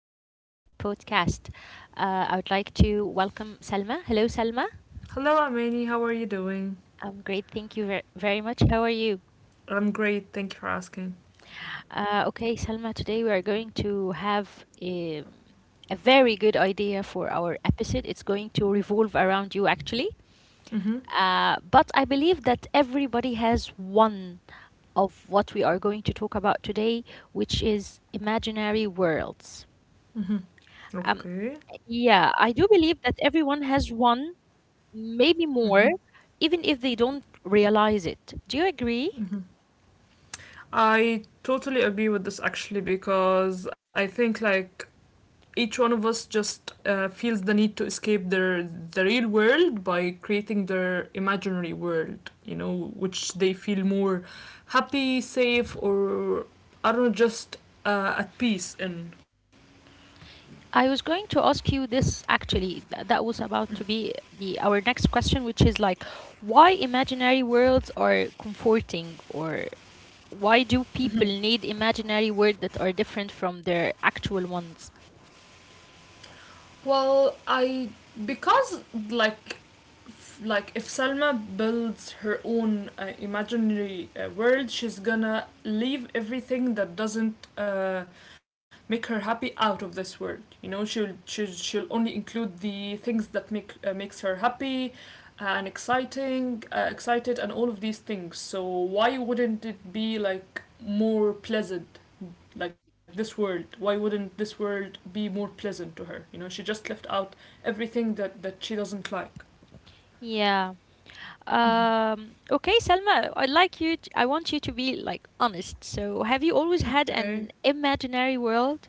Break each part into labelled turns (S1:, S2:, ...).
S1: episode of our podcast. I would like to welcome Salma. Hello, Salma.
S2: Hello, Amani. How are you doing?
S1: I'm great. Thank you very much. How are you?
S2: I'm great. Thank you for asking.
S1: Okay, Salma, today we are going to have a very good idea for our episode. It's going to revolve around you, actually.
S2: Mm-hmm.
S1: But I believe that everybody has one of what we are going to talk about today, which is imaginary worlds.
S2: Mm-hmm.
S1: Um,
S2: Okay.
S1: yeah, I do believe that everyone has one, maybe
S2: Mm-hmm.
S1: more, even if they don't realize it. Do you agree?
S2: Mm-hmm. I totally agree with this actually because I think like each one of us just feels the need to escape the real world by creating their imaginary world, which they feel more happy, safe, or I don't know, just at peace in.
S1: I was going to ask you this actually. That was about to be the our next question, which is like, why imaginary worlds are comforting, or why do people need imaginary worlds that are different from their actual ones?
S2: Well, I because like f- Like if Salma builds her own imaginary world, she's gonna leave everything that doesn't make her happy out of this world. You know, she'll only include the things that makes her happy and excited, and all of these things. So why wouldn't it be like more pleasant like this world, why wouldn't this world be more pleasant to her? You know, she just left out everything that she doesn't like.
S1: Yeah. Okay, Selma, I want you to be like honest. So, have you always had
S2: Okay.
S1: an imaginary world?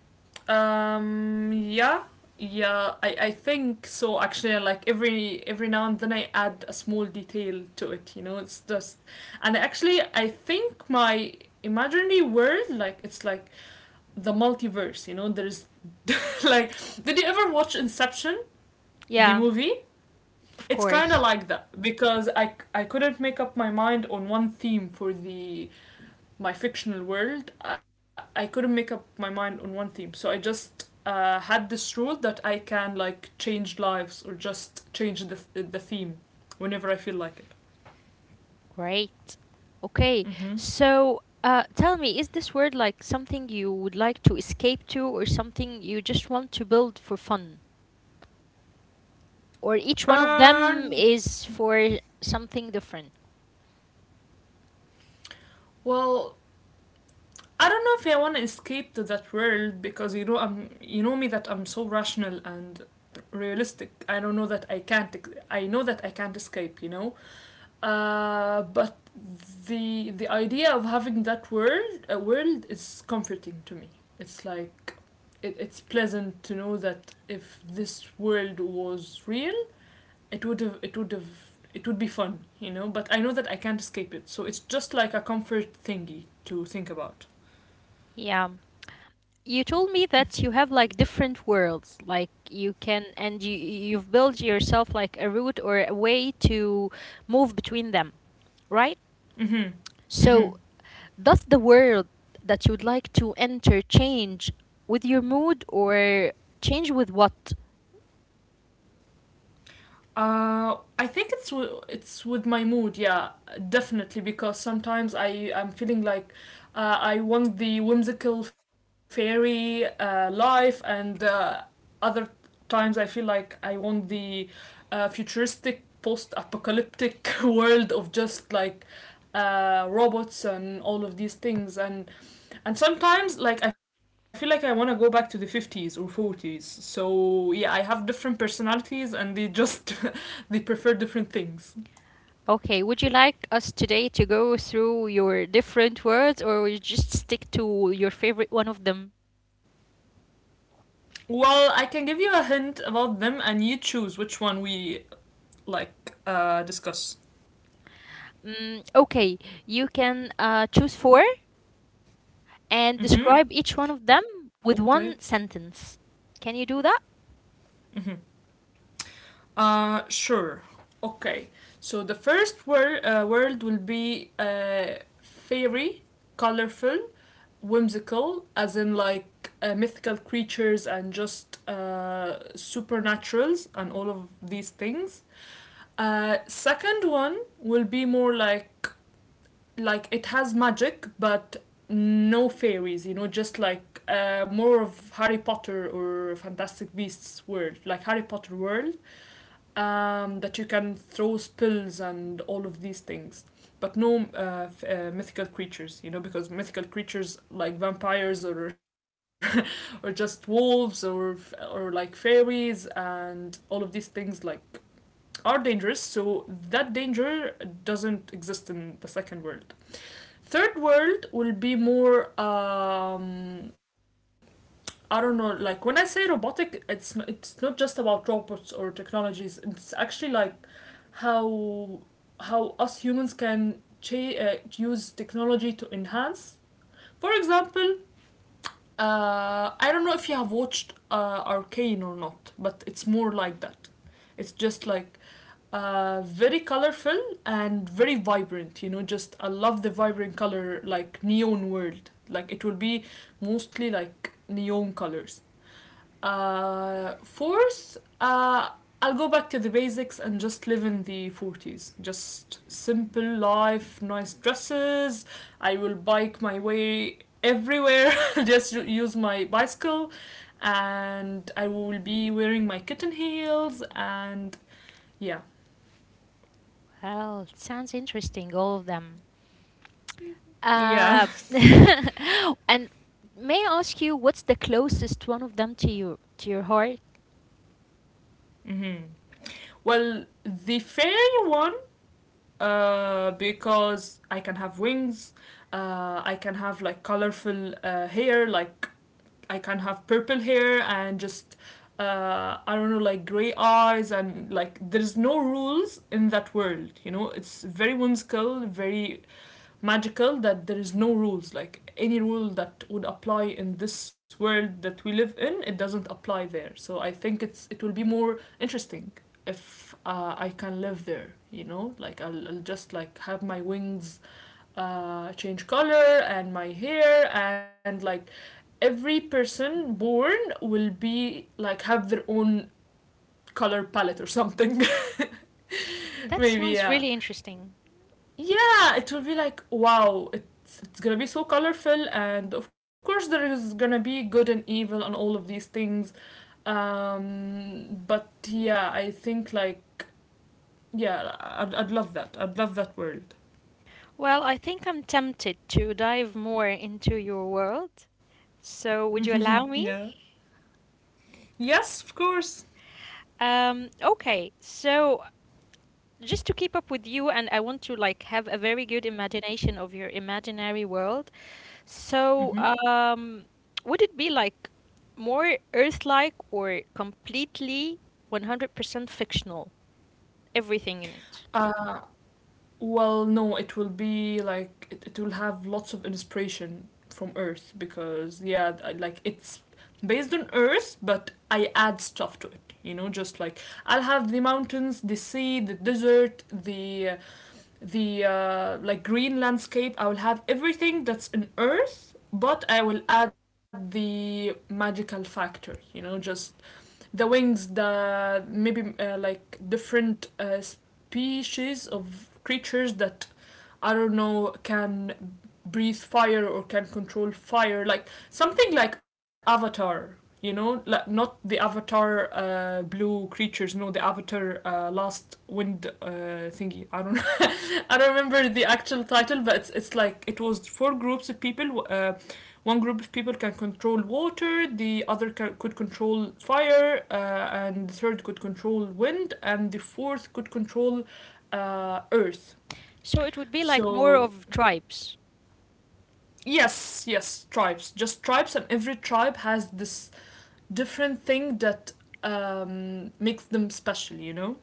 S2: Yeah, yeah, I think so actually. Like every now and then I add a small detail to it, you know. It's just, and actually I think my imaginary world, like it's like the multiverse, you know. There's like, did you ever watch Inception, the
S1: Yeah,
S2: movie?
S1: of
S2: It's kind of
S1: course.
S2: like that because I couldn't make up my mind on one theme for the my fictional world. I couldn't make up my mind on one theme, so I just had this rule that I can like change lives or just change the theme whenever I feel like it.
S1: Great. Okay.
S2: Mm-hmm.
S1: So, tell me, is this word like something you would like to escape to, or something you just want to build for fun? Or each one of them
S2: And
S1: is for something different?
S2: Well, I don't know if I want to escape to that world, because you know, I'm, you know me, that I'm so rational and realistic. I don't know that I can't. I know that I can't escape, you know. But the idea of having that world a world is comforting to me. It's like, it's pleasant to know that if this world was real, it would have, it would be fun, you know. But I know that I can't escape it, so it's just like a comfort thingy to think about.
S1: Yeah. You told me that you have like different worlds, like you can, and you you've built yourself like a route or a way to move between them, right?
S2: Mm-hmm. Mm-hmm.
S1: So does the world that you would like to enter change with your mood or change with what?
S2: I think it's w- It's with my mood, yeah, definitely. Because sometimes I'm feeling like, I want the whimsical fairy life, and other times I feel like I want the futuristic post-apocalyptic world of just like robots and all of these things, and sometimes like I feel like I want to go back to the 50s or forties. So yeah, I have different personalities, and they just they prefer different things.
S1: Okay, would you like us today to go through your different words, or we just stick to your favorite one of them?
S2: Well, I can give you a hint about them and you choose which one we discuss.
S1: Mm, okay, you can choose four and describe
S2: Mm-hmm.
S1: each one of them with
S2: Okay.
S1: one sentence. Can you do that?
S2: Mm-hmm. Sure. Okay. So the first word will be fairy, colorful, whimsical, as in like mythical creatures and just supernaturals and all of these things. Second one will be more like it has magic but no fairies, you know, just like more of Harry Potter or Fantastic Beasts world, like Harry Potter world, that you can throw spells and all of these things, but no mythical creatures, you know, because mythical creatures like vampires or or just wolves or like fairies and all of these things, like, are dangerous, so that danger doesn't exist in the second world. Third world will be more. I don't know. Like when I say robotic, it's not just about robots or technologies. It's actually like how how us humans can use technology to enhance. For example, I don't know if you have watched Arcane or not, but it's more like that. It's just like very colorful and very vibrant. You know, just I love the vibrant color, like neon world. Like it will be mostly like neon colors. Fourth, I'll go back to the basics and just live in the 40s. Just simple life, nice dresses. I will bike my way everywhere, just use my bicycle, and I will be wearing my kitten heels, and yeah.
S1: Well, it sounds interesting, all of them.
S2: Yeah.
S1: Uh, and may I ask you, what's the closest one of them to you, to your heart?
S2: Mm-hmm. Well, the fairy one, because I can have wings. I can have like colorful hair. Like I can have purple hair and just I don't know, like gray eyes, and like there's no rules in that world. You know, it's very whimsical, very magical, that there is no rules. Like any rule that would apply in this world that we live in, it doesn't apply there. So I think it will be more interesting if I can live there, you know, like I'll just like have my wings change color and my hair, and like every person born will be like have their own color palette or something.
S1: That
S2: Maybe,
S1: sounds
S2: yeah,
S1: really interesting.
S2: yeah. It will be like wow. It's gonna be so colorful, and of course there is gonna be good and evil and all of these things. But Yeah, I think like, yeah, I'd love that. I'd love that world.
S1: Well, I think I'm tempted to dive more into your world. So, would you allow me?
S2: Yeah. Yes, of course.
S1: Okay. So, just to keep up with you, and I want to like have a very good imagination of your imaginary world. So,
S2: Mm-hmm.
S1: would it be like more Earth-like or completely 100% fictional? Everything in it.
S2: Uh, no, it will be like, it will have lots of inspiration from Earth, because yeah, like it's based on Earth, but I add stuff to it. You know, just like I'll have the mountains, the sea, the desert, the like green landscape. I will have everything that's in Earth, but I will add the magical factor. You know, just the wings, the maybe like different species of creatures that I don't know can breathe fire or can control fire, like something like Avatar, you know, like not the Avatar blue creatures, no, the Avatar last wind thingy, I don't remember the actual title, but it's like it was four groups of people. One group of people can control water, the other could control fire, and the third could control wind, and the fourth could control earth.
S1: So it would be like more
S2: So,
S1: of tribes.
S2: yes, yes, tribes. Just tribes, and every tribe has this different thing that makes them special, you know?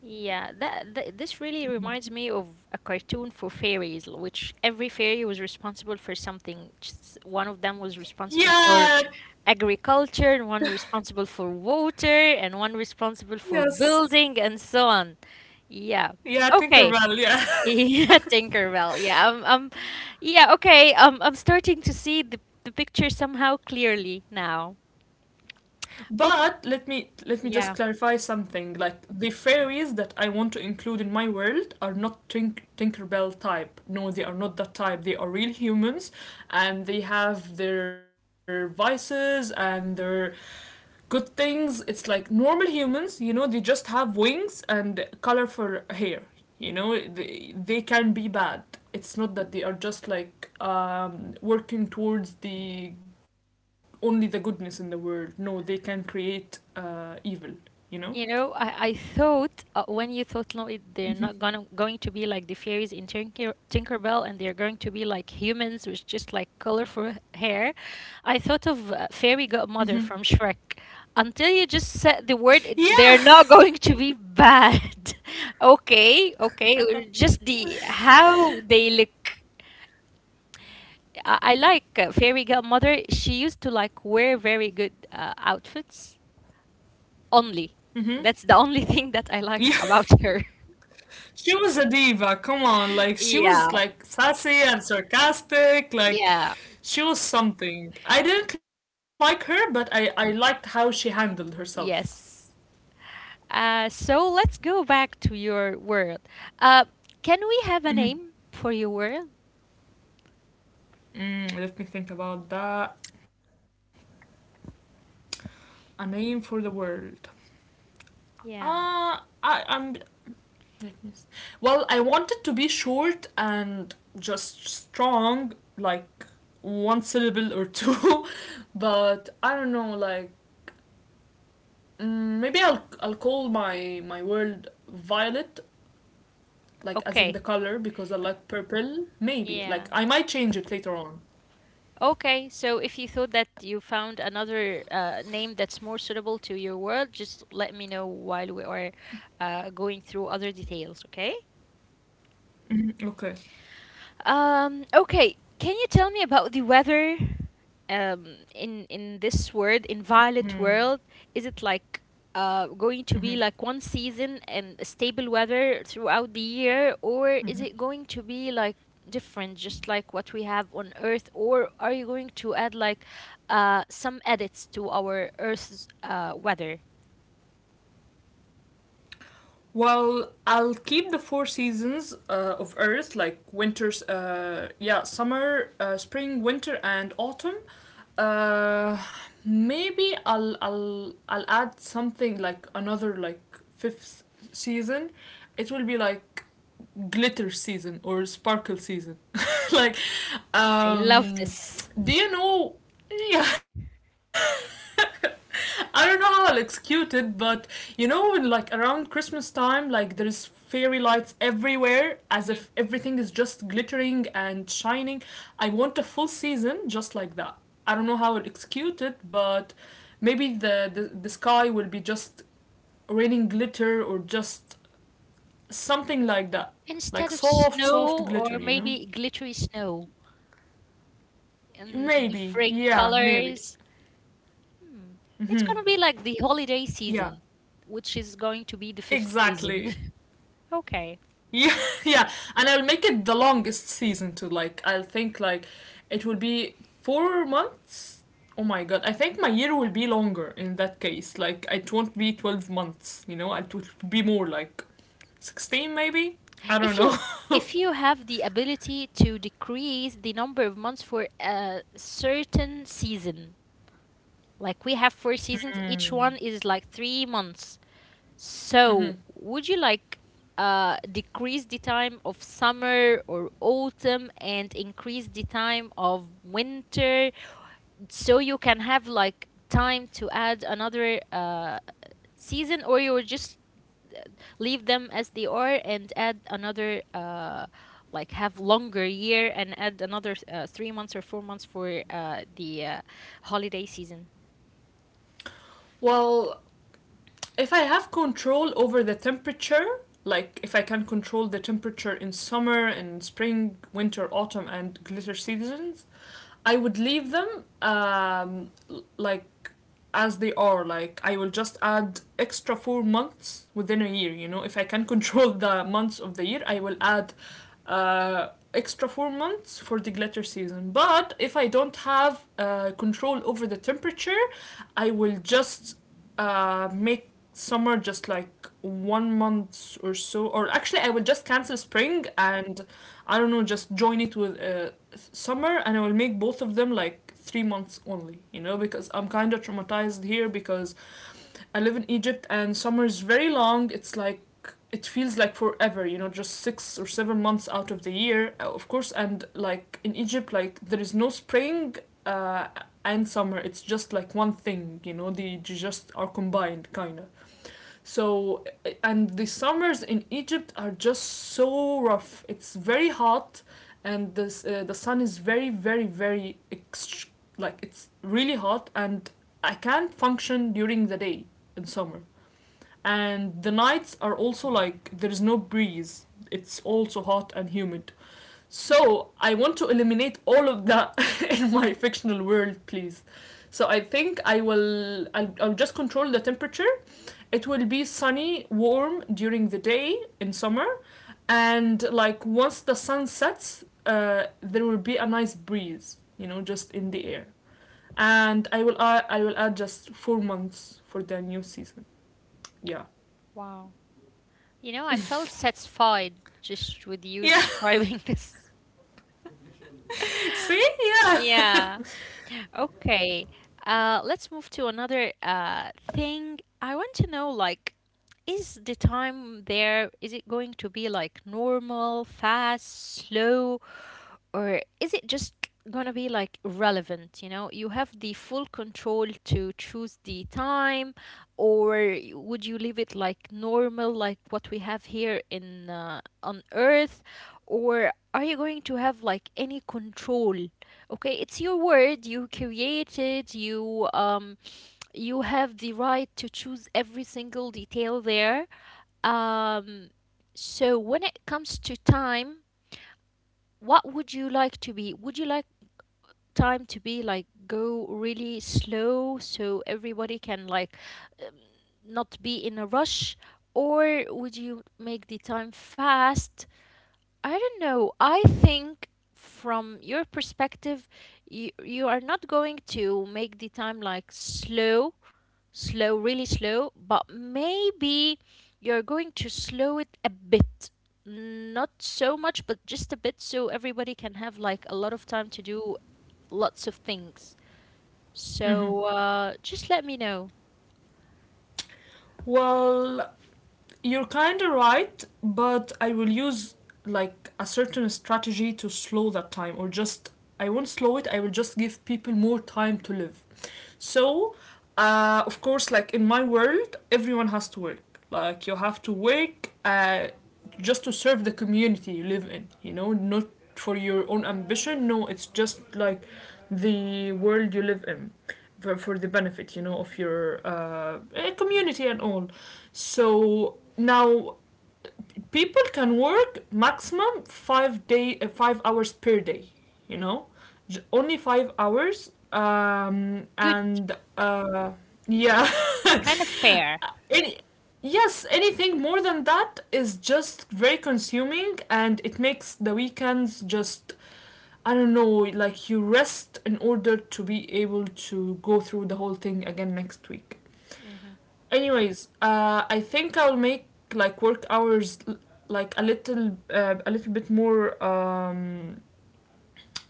S1: Yeah, this really reminds me of a cartoon for fairies, which every fairy was responsible for something. Just one of them was responsible for
S2: Yeah,
S1: agriculture, and one responsible for water, and one responsible for
S2: yes.
S1: building, and so on. Yeah.
S2: Yeah,
S1: Okay.
S2: Tinkerbell, yeah.
S1: Yeah, Tinkerbell. Yeah, I'm yeah, okay. I'm starting to see the picture somehow clearly now.
S2: But
S1: Okay.
S2: let me just
S1: Yeah.
S2: clarify something. Like the fairies that I want to include in my world are not Tinkerbell type. No, they are not that type. They are real humans, and they have their vices and their good things. It's like normal humans, you know, they just have wings and colorful hair. You know, they can be bad. It's not that they are just like working towards the only the goodness in the world. No, they can create evil. You know.
S1: You know, I thought when you thought no, they're not gonna going to be like the fairies in Tinkerbell, and they're going to be like humans with just like colorful hair. I thought of fairy godmother from Shrek. Until you just said the word, it's
S2: Yeah.
S1: they're not going to be bad. Okay, okay, or just the how they look. I like fairy godmother. She used to like wear very good outfits only.
S2: Mm-hmm.
S1: That's the only thing that I
S2: Yeah.
S1: liked about her.
S2: She was a diva. Come on, like she was
S1: Yeah,
S2: like sassy and sarcastic. Like
S1: yeah,
S2: she was something. I didn't like her, but I liked how she handled herself.
S1: yes. So let's go back to your world. Uh, can we have a name for your world?
S2: Mm, let me think about that. A name for the world.
S1: Yeah.
S2: Uh, I, I'm. Let me. S Well, I wanted to be short and just strong, like one syllable or two. But I don't know. Like mm, maybe I'll call my world Violet, like as in the
S1: Okay.
S2: color, because I like purple. Maybe
S1: Yeah.
S2: like I might change it later on.
S1: Okay. So if you thought that you found another name that's more suitable to your world, just let me know while we are going through other details. Okay.
S2: Okay.
S1: Okay, can you tell me about the weather in this world, in Violet world? Is it like going to be like one season and stable weather throughout the year, or is it going to be like different, just like what we have on Earth, or are you going to add like some edits to our Earth's weather?
S2: Well, I'll keep the four seasons of Earth, like winter, yeah, summer, spring, winter, and autumn. Uh, Maybe I'll add something like another, like fifth season. It will be like glitter season or sparkle season. Like,
S1: I love
S2: um,
S1: this.
S2: do you know, yeah. I don't know how I'll execute it, but you know, like around Christmas time, like there's fairy lights everywhere, as if
S1: Mhm.
S2: everything is just glittering and shining. I want a full season just like that. I don't know how I'll execute it, but maybe the sky will be just raining glitter or just something like that. Like
S1: Instead of
S2: soft, soft
S1: snow, or
S2: glitter, you know?
S1: maybe glittery snow. And
S2: Maybe.
S1: different
S2: Yeah, maybe.
S1: colors. Hmm. It's
S2: Hmm.
S1: gonna be like the holiday
S2: Yeah,
S1: season, which is going to be the fifth
S2: exactly.
S1: season. Okay.
S2: Yeah, yeah, and I'll make it the longest season too. Like I'll think like it will be 4 months. Oh my god, I think my year will be longer in that case. Like it won't be 12 months. You know, it would be more like 16 maybe. I
S1: If
S2: don't
S1: you
S2: know.
S1: if you have the ability to decrease the number of months for a certain season, like we have four seasons, each one is like 3 months.
S2: Mm-hmm.
S1: So would you like decrease the time of summer or autumn and increase the time of winter so you can have like time to add another season, or you will just leave them as they are and add another like have longer year and add another 3 months or 4 months for the holiday season.
S2: Well, if I have control over the temperature, like if I can control the temperature in summer and spring, winter, autumn, and glitter seasons, I would leave them, like, as they are. Like I will just add extra 4 months within a year. You know, if I can control the months of the year, I will add extra 4 months for the glitter season. But if I don't have control over the temperature, I will just make summer just like 1 month or so. Or actually, I will just cancel spring and, I don't know, just join it with summer, and I will make both of them like 3 months only, you know, because I'm kind of traumatized here because I live in Egypt and summer is very long. It's like it feels like forever, you know, just 6 or 7 months out of the year, of course. And like in Egypt, like, there is no spring uh, and summer. It's just like one thing, you know. They just are combined, kind of. So, and the summers in Egypt are just so rough. It's very hot, and the sun is very, very, very like it's really hot, and I can't function during the day in summer. And the nights are also like there's no breeze. It's also hot and humid. So I want to eliminate all of that in my fictional world, please. So I think I will. I'll just control the temperature. It will be sunny, warm during the day in summer, and like once the sun sets, there will be a nice breeze. You know, just in the air. And I will add just 4 months for the new season. Yeah.
S1: Wow. You know, I felt satisfied just with you
S2: Yeah.
S1: describing this.
S2: See? Yeah.
S1: Yeah. Okay, let's move to another thing. I want to know, like, is the time there, is it going to be like normal, fast, slow? Or is it just gonna be like relevant? You know, you have the full control to choose the time, or would you leave it like normal like what we have here in on Earth, or are you going to have like any control? Okay, it's your word, you created you. You have the right to choose every single detail there. um so when it comes to time, what would you like to be? Would you like time to be like go really slow so everybody can like um, not be in a rush, or would you make the time fast? I don't know, I think from your perspective, you are not going to make the time like slow slow really slow, but maybe you're going to slow it a bit, not so much but just a bit so everybody can have like a lot of time to do lots of things. So just let me know.
S2: Well, you're kind of right, but I will use like a certain strategy to slow that time. Or just, I won't slow it, I will just give people more time to live. So, of course, like in my world, everyone has to work. Like, you have to work. Just to serve the community you live in, you know, not for your own ambition. No, it's just like the world you live in for, the benefit, you know, of your community and all. So now people can work maximum 5 hours per day, you know. Only 5 hours,
S1: Good.
S2: and
S1: That's
S2: yeah.
S1: It's kind of fair.
S2: any Yes, anything more than that is just very consuming, and it makes the weekends just, I don't know, like you rest in order to be able to go through the whole thing again next week.
S1: Hmm.
S2: Anyways, I think I'll make like work hours like a little bit more,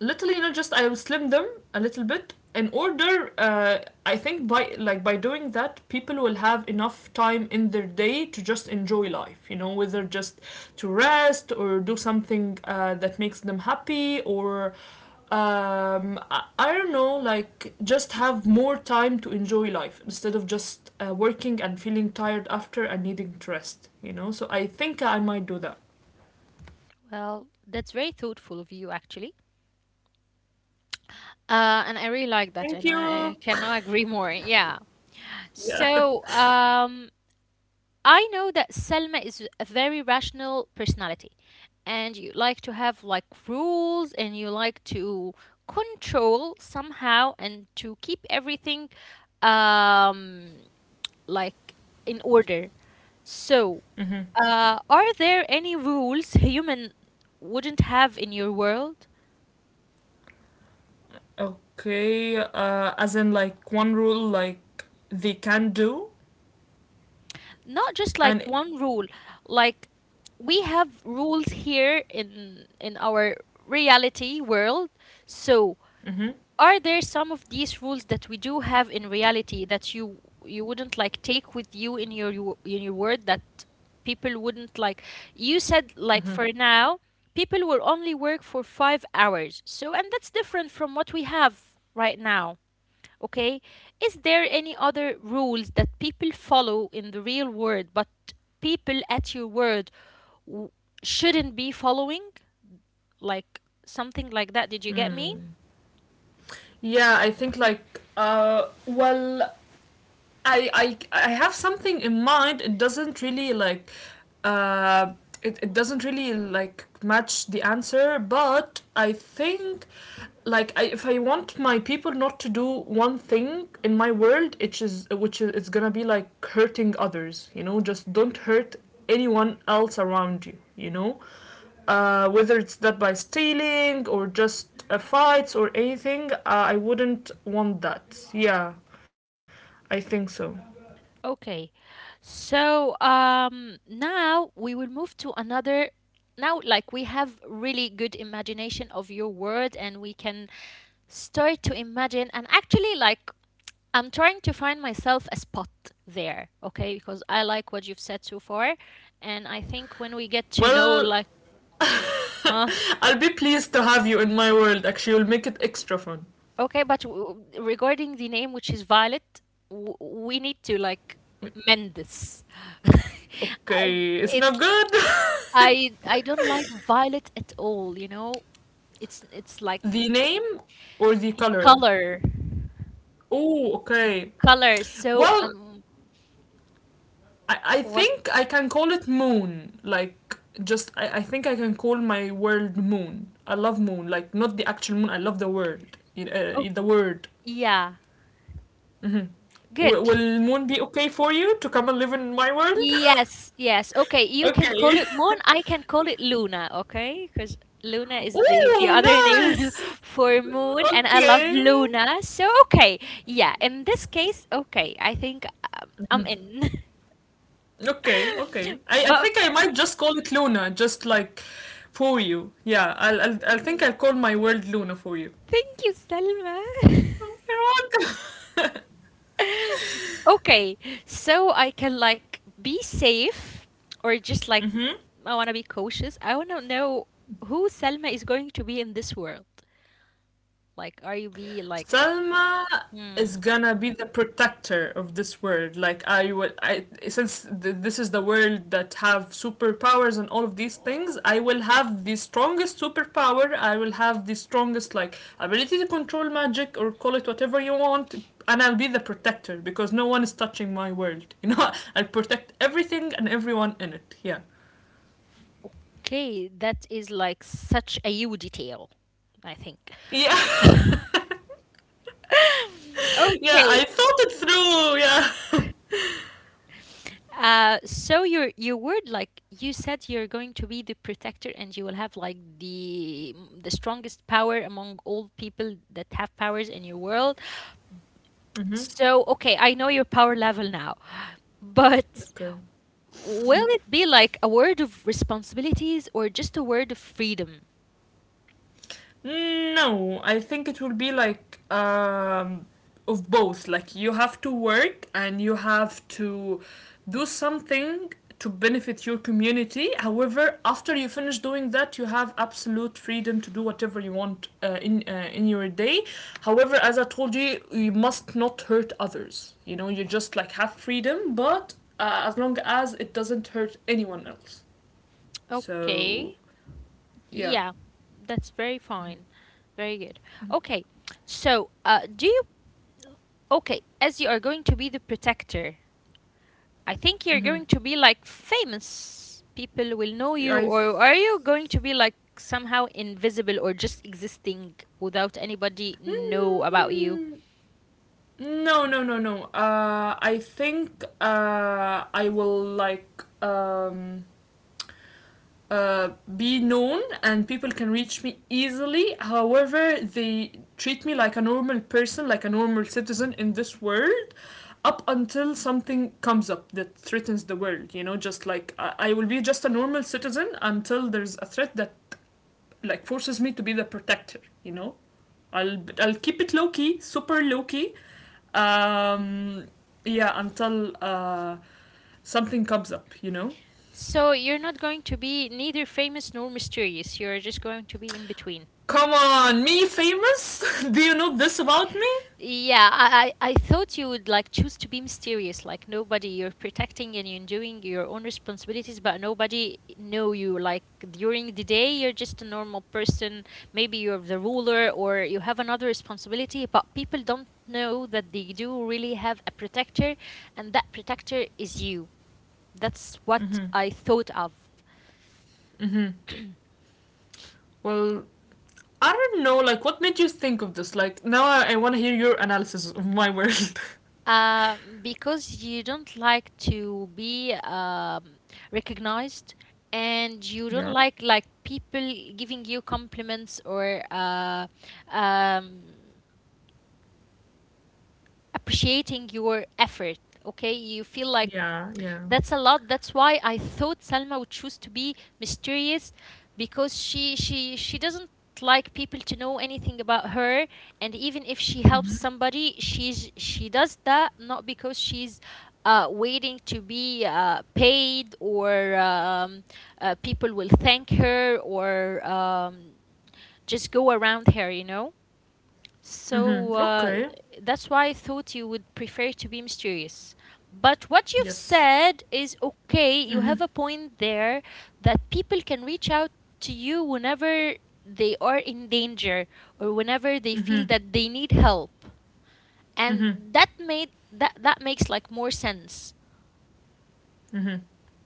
S2: literally, you know. Just I will slim them a little bit in order I think by doing that, people will have enough time in their day to just enjoy life, you know, whether just to rest or do something that makes them happy. Or I don't know, like, just have more time to enjoy life instead of just working and feeling tired after and needing to rest, you know. So I think I might do that.
S1: Well, that's very thoughtful of you, actually. And I really like that,
S2: Thank
S1: and
S2: you.
S1: I cannot agree more. Yeah.
S2: Yeah.
S1: So, I know that Selma is a very rational personality, and you like to have like rules, and you like to control somehow, and to keep everything, um, like in order. So, are there any rules human wouldn't have in your world?
S2: Okay, as in like one rule like they can do,
S1: Not just
S2: and
S1: like one rule, like we have rules here in our reality world. So, are there some of these rules that we do have in reality that you wouldn't like take with you in your in your world that people wouldn't like? You said like for now, people will only work for 5 hours. So, and that's different from what we have right now. Okay, is there any other rules that people follow in the real world, but people at your word w- shouldn't be following, like something like that? Did you get me?
S2: yeah, I think like well, I have something in mind. Uh it doesn't really like match the answer, but I think, like, if I want my people not to do one thing in my world, it is which is it's gonna be like hurting others. You know, just don't hurt anyone else around you. You know, whether it's that by stealing or just fights or anything. I wouldn't want that. Yeah, I think so.
S1: Okay. So, now we will move to another. Now, like we have really good imagination of your word, and we can start to imagine. And actually, like I'm trying to find myself a spot there. Okay, because I like what you've said so far, and I think when we get to know,
S2: Well,
S1: like, w- huh?
S2: I'll be pleased to have you in my world. Actually, you'll make it extra fun.
S1: Okay, but regarding the name, which is Violet, we need to like mend this. Um,
S2: Okay, it's not
S1: it's
S2: good.
S1: I don't like violet at all, you know? It's like
S2: The name or the
S1: the
S2: color?
S1: color,
S2: Oh,
S1: the
S2: okay.
S1: color. So
S2: Well,
S1: um,
S2: I
S1: what?
S2: think I can call it Moon. Like, just, I think I can call my world Moon. I love Moon. Like, not the actual moon, I love the word.
S1: Oh,
S2: The word.
S1: yeah.
S2: Hmm.
S1: Good.
S2: Will Moon be okay for you to come and live in my world?
S1: Yes, yes. Okay, you can
S2: Okay.
S1: call it Moon, I can call it Luna, okay? Because Luna is the other
S2: Oh,
S1: name
S2: nice.
S1: for moon, and I love
S2: Okay.
S1: Luna. So okay. Yeah, in this case, okay. I think I'm in.
S2: Okay, okay. I
S1: But
S2: think I might just call it Luna, just like for you. Yeah, I think
S1: mm,
S2: I'll call my world Luna for you.
S1: thank you, Selma.
S2: Oh, you're welcome.
S1: Okay, so I can like be safe, or just like I want to be cautious. I want to know who Selma is going to be in this world. Like, are you be like,
S2: Selma is
S1: hmm,
S2: gonna be the protector of this world. Like I will, I since th- this is the world that have superpowers and all of these things, I will have the strongest superpower. I will have the strongest like ability to control magic or call it whatever you want. And I'll be the protector because no one is touching my world. You know, I'll protect everything and everyone in it. Yeah.
S1: okay, that is like such a you detail, I think.
S2: Yeah. Yeah, I
S1: Okay,
S2: thought it through. Yeah.
S1: so you're you would like you said you're going to be the protector and you will have like the strongest power among all people that have powers in your world. So, okay, I know your power level now, but
S2: Okay.
S1: will it be like a word of responsibilities or just a word of freedom?
S2: No, I think it will be like of both. Like you have to work and you have to do something to benefit your community. However, after you finish doing that, you have absolute freedom to do whatever you want, in your day. However, as I told you, you must not hurt others. You know, you just like have freedom, but as long as it doesn't hurt anyone else. So
S1: Okay.
S2: yeah.
S1: Yeah, that's very fine. Very good. Okay, so do you, okay, as you are going to be the protector, I think you're
S2: Hmm.
S1: going to be like famous. People will know you,
S2: I
S1: or are you going to be like somehow invisible or just existing without anybody know about you?
S2: Mm, no, no, no, no. I think I will like uh, be known, and people can reach me easily. However, they treat me like a normal person, like a normal citizen in this world. Up until something comes up that threatens the world, you know, just like I will be just a normal citizen until there's a threat that like forces me to be the protector, you know. I'll keep it low key, super low key, um, yeah, until something comes up, you know?
S1: So you're not going to be neither famous nor mysterious. You're just going to be in between.
S2: Come on, me famous? Do you know this about me?
S1: Yeah, I thought you would like choose to be mysterious, like nobody. You're protecting and you're doing your own responsibilities, but nobody know you. Like during the day, you're just a normal person. Maybe you're the ruler or you have another responsibility, but people don't know that they do really have a protector, and that protector is you. That's what I thought of.
S2: Well, I don't know, like, what made you think of this? Like, now I want to hear your analysis of my world.
S1: Because you don't like to be recognized and you don't
S2: Yeah?
S1: like people giving you compliments or um, appreciating your effort, okay, you feel like
S2: Yeah, yeah.
S1: that's a lot. That's why I thought Salma would choose to be mysterious because she doesn't like people to know anything about her, and even if she helps somebody, she does that not because she's waiting to be paid, or people will thank her, or just go around her, so
S2: Mm-hmm.
S1: uh,
S2: Okay.
S1: that's why I thought you would prefer to be mysterious. But what you've
S2: Yes.
S1: said is okay. You
S2: Mm-hmm.
S1: have a point there that people can reach out to you whenever they are in danger or whenever they
S2: Mm-hmm.
S1: feel that they need help.
S2: Mm-hmm.
S1: And that made that that makes like more sense.
S2: Mm-hmm.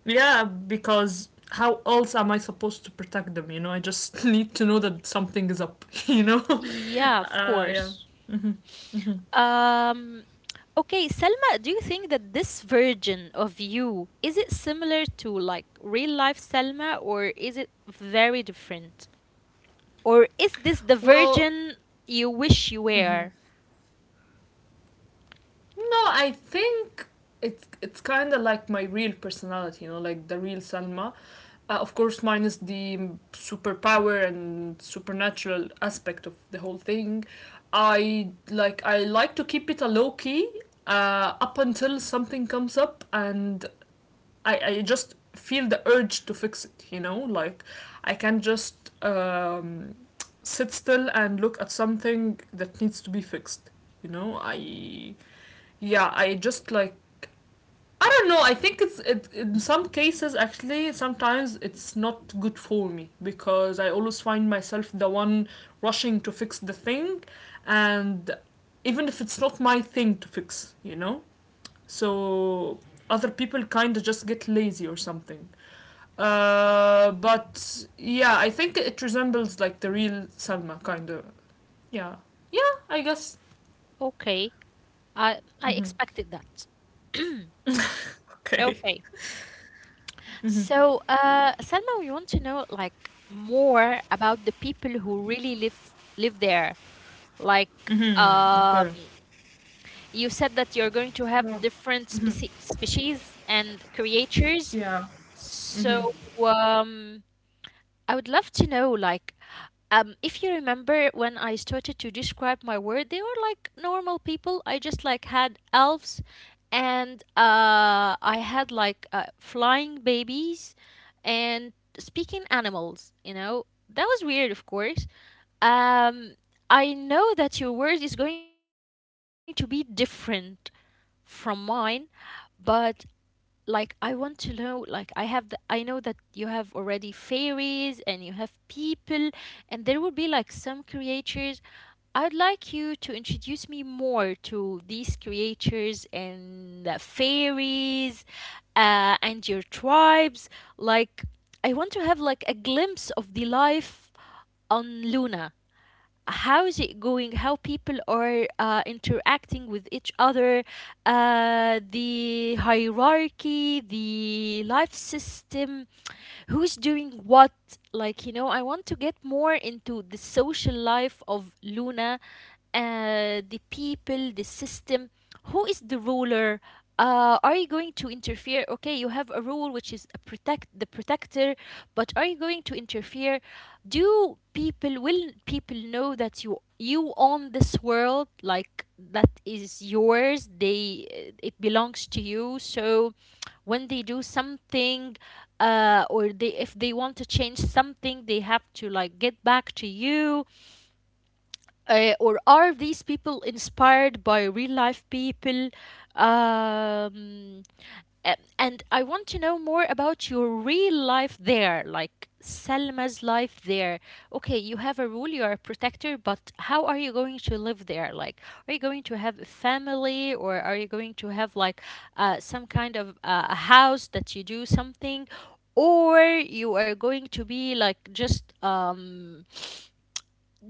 S2: Yeah, because how else am I supposed to protect them? You know, I just need to know that something is up, you know?
S1: Yeah, of
S2: Yeah.
S1: course.
S2: Mm-hmm.
S1: Um, okay, Selma, do you think that this version of you is it similar to like real life Selma, or is it very different? Or is this the
S2: Well,
S1: version you wish you were?
S2: no, I think it's kind of like my real personality, you know, like the real Salma. Of course, minus the superpower and supernatural aspect of the whole thing. I like to keep it a low key up until something comes up, and I just feel the urge to fix it. You know, like I can just sit still and look at something that needs to be fixed. You know, I yeah, I just like I don't know. I think in some cases, actually sometimes it's not good for me because I always find myself the one rushing to fix the thing, and even if it's not my thing to fix, you know? So other people kind of just get lazy or something. But yeah, I think it resembles like the real Salma, kind of. Yeah. Yeah, I guess.
S1: Okay, I expected that.
S2: Okay.
S1: Okay.
S2: Mm-hmm.
S1: So, Selma, we want to know like more about the people who really live there. Like,
S2: Okay.
S1: you said that you're going to have
S2: Yeah.
S1: different species and creatures.
S2: Yeah.
S1: So, um, I would love to know, like, if you remember when I started to describe my world, they were like normal people. I just like had elves, and I had like flying babies and speaking animals. You know, that was weird, of course. Um, I know that your world is going to be different from mine, but like I want to know, like I have the, I know that you have already fairies and you have people, and there will be like some creatures. I'd like you to introduce me more to these creatures and the fairies and your tribes. Like, I want to have like a glimpse of the life on Luna. How is it going, how people are interacting with each other, the hierarchy, the life system, who's doing what. Like, you know, I want to get more into the social life of Luna, the people, the system, who is the ruler? Are you going to interfere? Okay, you have a rule which is a protector, but are you going to interfere? Do people, will people know that you own this world, like that is yours? They, it belongs to you. So when they do something, or they, if they want to change something, they have to like get back to you, or are these people inspired by real life people? Um, and I want to know more about your real life there, like Selma's life there. Okay, you have a rule, you are a protector, but how are you going to live there? Like, are you going to have a family, or are you going to have like some kind of a house that you do something? Or you are going to be like just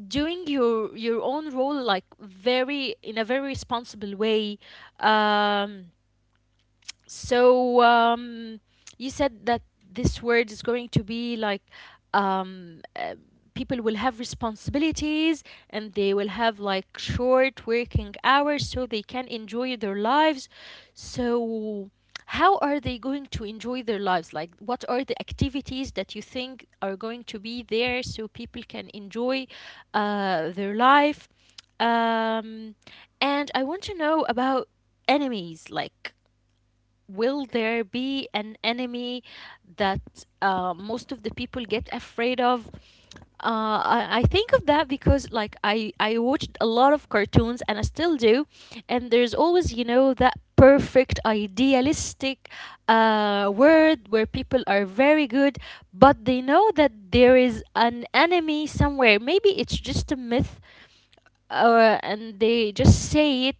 S1: doing your own role like very in a very responsible way. Um so um, you said that this word is going to be like, um, uh, people will have responsibilities and they will have like short working hours so they can enjoy their lives. So how are they going to enjoy their lives? Like what are the activities that you think are going to be there so people can enjoy their life? Um, and I want to know about enemies. Like, will there be an enemy that most of the people get afraid of? I think of that because like I watched a lot of cartoons and I still do, and there's always you know that perfect idealistic word where people are very good, but they know that there is an enemy somewhere. Maybe it's just a myth, and they just say it.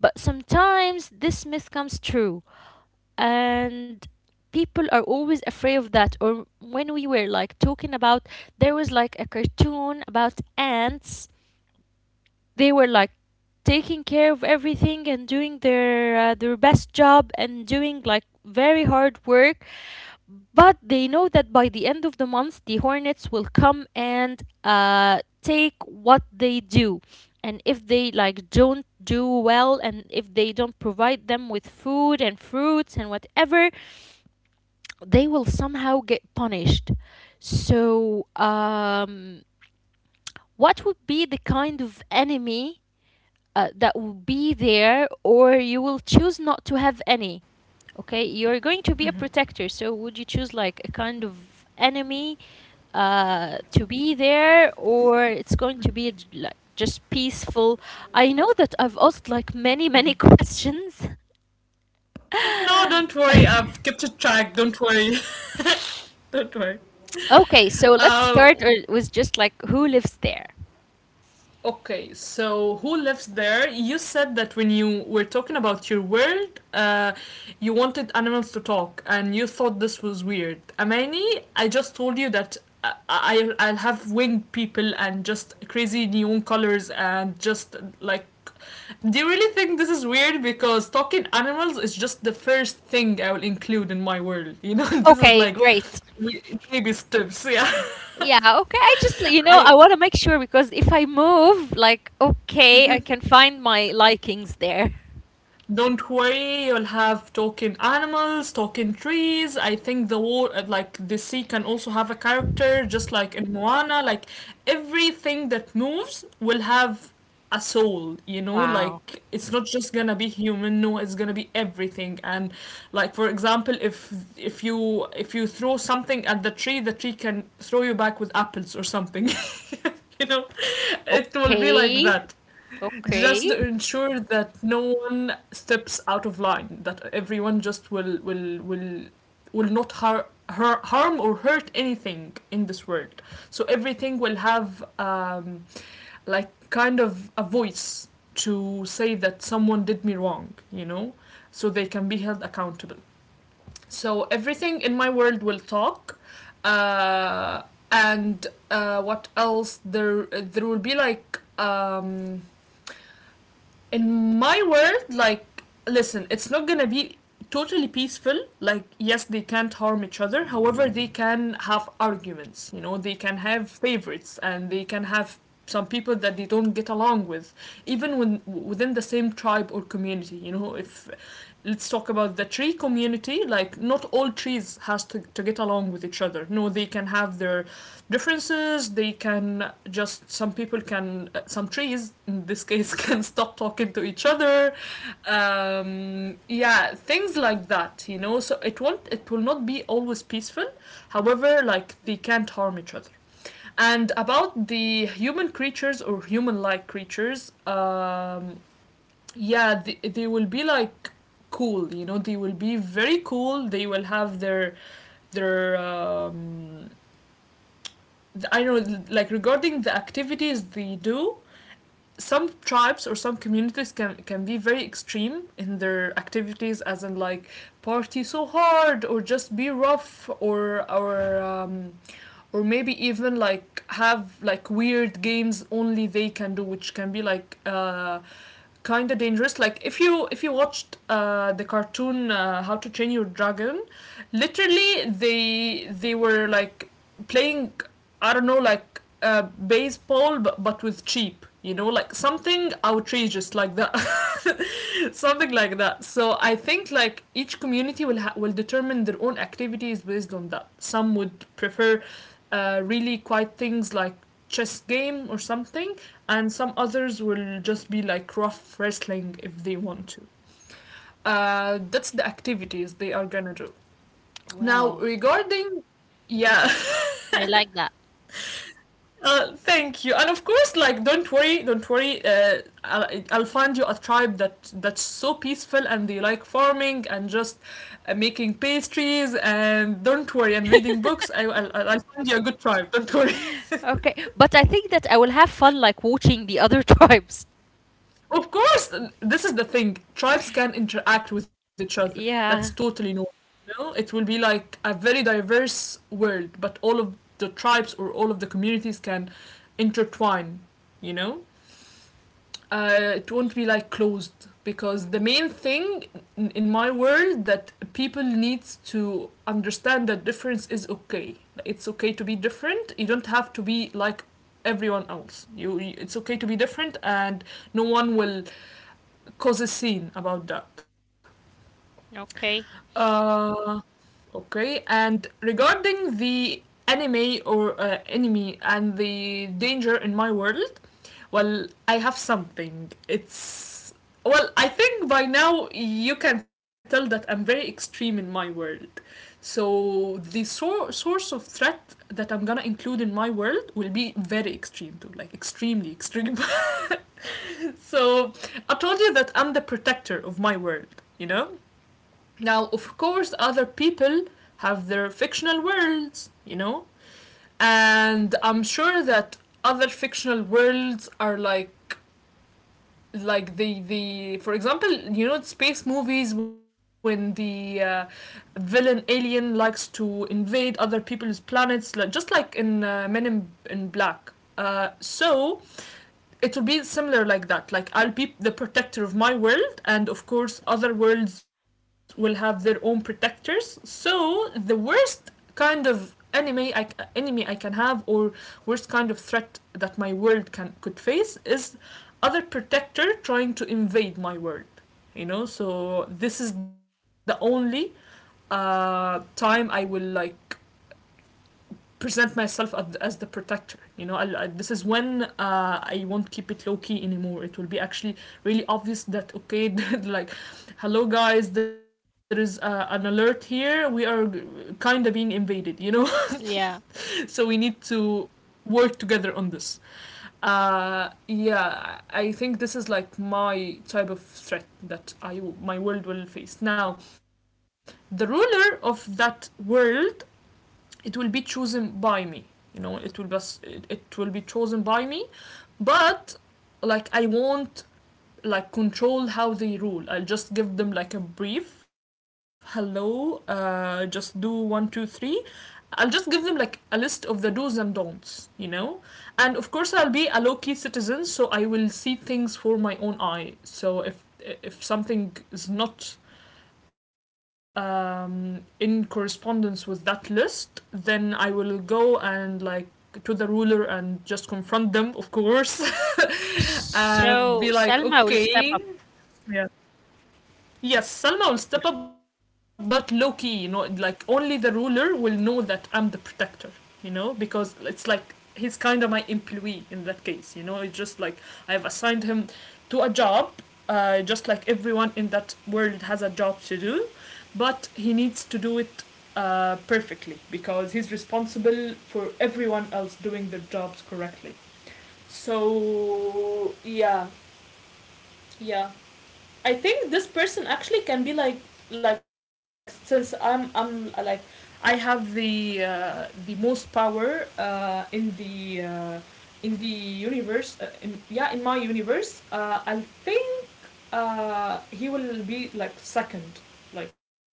S1: But sometimes this myth comes true, and people are always afraid of that. Or when we were like talking about, there was like a cartoon about ants. They were like taking care of everything and doing their best job and doing like very hard work, but they know that by the end of the month the hornets will come and take what they do, and if they like don't do well and if they don't provide them with food and fruits and whatever, they will somehow get punished. So, what would be the kind of enemy that will be there, or you will choose not to have any? Okay, you're going to be a protector. So, would you choose like a kind of enemy to be there, or it's going to be like just peaceful? I know that I've asked like many, many questions.
S2: No, don't worry. I've kept a track. Don't worry. Don't worry.
S1: Okay, so let's
S2: Uh,
S1: start with just like who lives there.
S2: Okay, so who lives there? You said that when you were talking about your world, you wanted animals to talk, and you thought this was weird. Amani, I just told you that I'll have winged people and just crazy neon colors and just like. Do you really think this is weird? Because talking animals is just the first thing I will include in my world. You know, this is
S1: Okay,
S2: like
S1: great.
S2: we- baby steps. Yeah.
S1: Yeah, okay. I just, you know,
S2: I
S1: I want to make sure because if I move, like, okay, I can find my likings there.
S2: Don't worry, you'll have talking animals, talking trees. I think the war, like the sea, can also have a character, just like in Moana. Like everything that moves will have a soul, you know.
S1: Wow.
S2: Like it's not just gonna be human. No, it's gonna be everything. And like, for example, if you throw something at the tree can throw you back with apples or something. You know, it will be like
S1: Okay,
S2: that, just
S1: okay.
S2: ensure that no one steps out of line, that everyone just will not harm or hurt anything in this world. So everything will have, like, kind of a voice to say that someone did me wrong, you know, so they can be held accountable. So everything in my world will talk. uh, and what else. There will be like, in my world, like, listen, it's not gonna be totally peaceful. Like, yes, they can't harm each other. However, they can have arguments. You know, they can have favorites, and they can have some people that they don't get along with, even when within the same tribe or community. You know, if let's talk about the tree community, like, not all trees has to get along with each other. No, they can have their differences. They can just some people can some trees in this case can stop talking to each other. Yeah, things like that, you know, so it will not be always peaceful. However, like, they can't harm each other. And about the human creatures or human like creatures, yeah, they will be like cool, you know, they will be very cool. They will have their I don't know, like, regarding the activities they do, some tribes or some communities can be very extreme in their activities, as in like party so hard or just be rough, or or maybe even like have like weird games only they can do, which can be like kind of dangerous, like if you watched the cartoon, How to Train Your Dragon. Literally they were like playing, I don't know, like, baseball but with cheap, you know, like something outrageous like that. Something like that. So I think like each community will determine their own activities based on that. Some would prefer really quiet things like chess game or something. And some others will just be like rough wrestling if they want to. That's the activities they are gonna do. Now
S1: Well,
S2: regarding, yeah,
S1: I like that.
S2: Thank you. And of course, like, don't worry, don't worry. I'll find you a tribe that that's so peaceful, and they like farming and just making pastries. And don't worry, and reading books. I'll find you a good tribe. Don't worry.
S1: Okay. But I think that I will have fun, like, watching the other tribes.
S2: Of course, this is the thing. Tribes can interact with each other. That's
S1: Yeah.
S2: totally normal. You know? It will be like a very diverse world, but all of the tribes or all of the communities can intertwine. You know, it won't be like closed, because the main thing in- my world, that people needs to understand, that difference is okay. It's okay to be different. You don't have to be like everyone else. It's okay to be different, and no one will cause a scene about that.
S1: Okay.
S2: uh, okay. And regarding the anime, or enemy and the danger in my world, well, I have something. It's, well, I think by now you can tell that I'm very extreme in my world. So the source of threat that I'm gonna include in my world will be very extreme too, like extremely extreme. So I told you that I'm the protector of my world, you know? Now, of course, other people have their fictional worlds, you know? And I'm sure that other fictional worlds are like the for example, you know, space movies, when the villain alien likes to invade other people's planets, like, just like in Men in Black. So it will be similar like that, like I'll be the protector of my world, and of course other worlds will have their own protectors. So the worst kind of enemy i enemy I can have, or worst kind of threat that my world can could face, is other protector trying to invade my world. You know, so this is the only time I will, like, present myself as, the protector. You know, this is when I won't keep it low key anymore. It will be actually really obvious that, okay, like, hello guys, there is an alert here. We are kind of being invaded. You know,
S1: Yeah.
S2: so we need to work together on this. Yeah, I think this is like my type of threat that I my world will face. Now, the ruler of that world, it will be chosen by me, you know, it will be chosen by me. But like I won't, like, control how they rule. I'll just give them like a brief hello, just do 1, 2, 3. I'll just give them like a list of the do's and don'ts, you know. And of course I'll be a low-key citizen, so I will see things for my own eye. So if something is not in correspondence with that list, then I will go, and like, to the ruler and just confront them, of course,
S1: So
S2: and be
S1: Selma will
S2: like,
S1: step up
S2: okay, yeah. Yes,
S1: first.
S2: Salma will step up, but low key, you know, like only the ruler will know that I'm the protector. You know, because it's like he's kind of my employee in that case, you know, it's just like I've assigned him to a job, just like everyone in that world has a job to do, but he needs to do it perfectly, because he's responsible for everyone else doing their jobs correctly. So, yeah, yeah. I think this person actually can be like, since I'm like I have the most power in the universe, yeah, in my universe. I think he will be like second, like,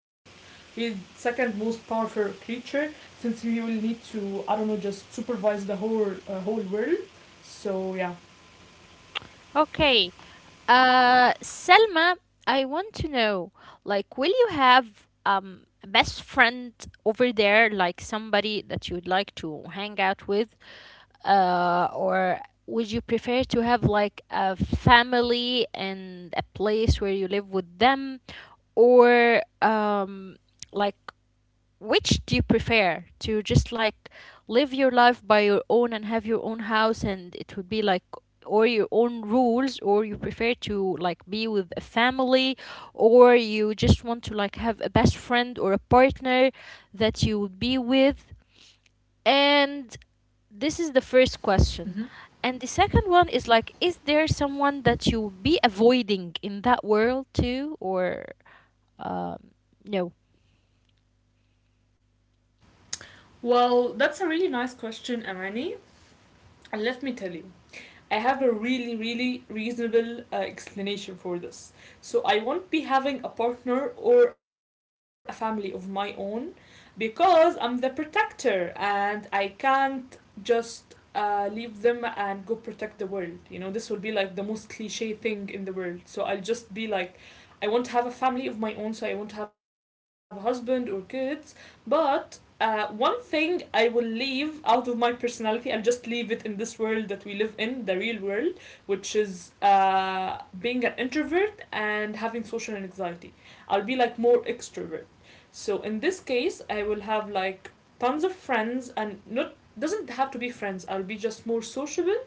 S2: he's second most powerful creature, since he will need to, I don't know, just supervise the whole world. So yeah.
S1: Okay. Selma, I want to know, like, will you have a best friend over there, like somebody that you would like to hang out with, or would you prefer to have like a family and a place where you live with them, or like which do you prefer? To just like live your life by your own and have your own house and it would be like, or your own rules, or you prefer to like be with a family, or you just want to like have a best friend or a partner that you would be with? And this is the first question, and the second one is, like, is there someone that you would be avoiding in that world too, or um, no.
S2: Well, that's a really nice question, Amani. And let me tell you, I have a really, really reasonable explanation for this. So I won't be having a partner or a family of my own, because I'm the protector and I can't just leave them and go protect the world. You know, this would be like the most cliche thing in the world. So I'll just be like, I won't have a family of my own, so I won't have a husband or kids. But one thing I will leave out of my personality, I'll just leave it in this world that we live in, the real world, which is being an introvert and having social anxiety. I'll be like more extrovert. So in this case, I will have like tons of friends, and not, doesn't have to be friends. I'll be just more sociable,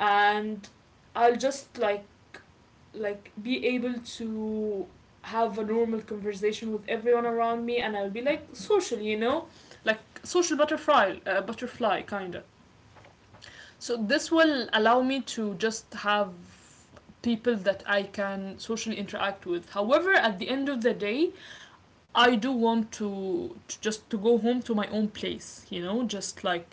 S2: and I'll just like be able to have a normal conversation with everyone around me, and I'll be like social, you know? Like social butterfly, butterfly kind of. So this will allow me to just have people that I can socially interact with. However, at the end of the day, I do want to just to go home to my own place, you know, just like,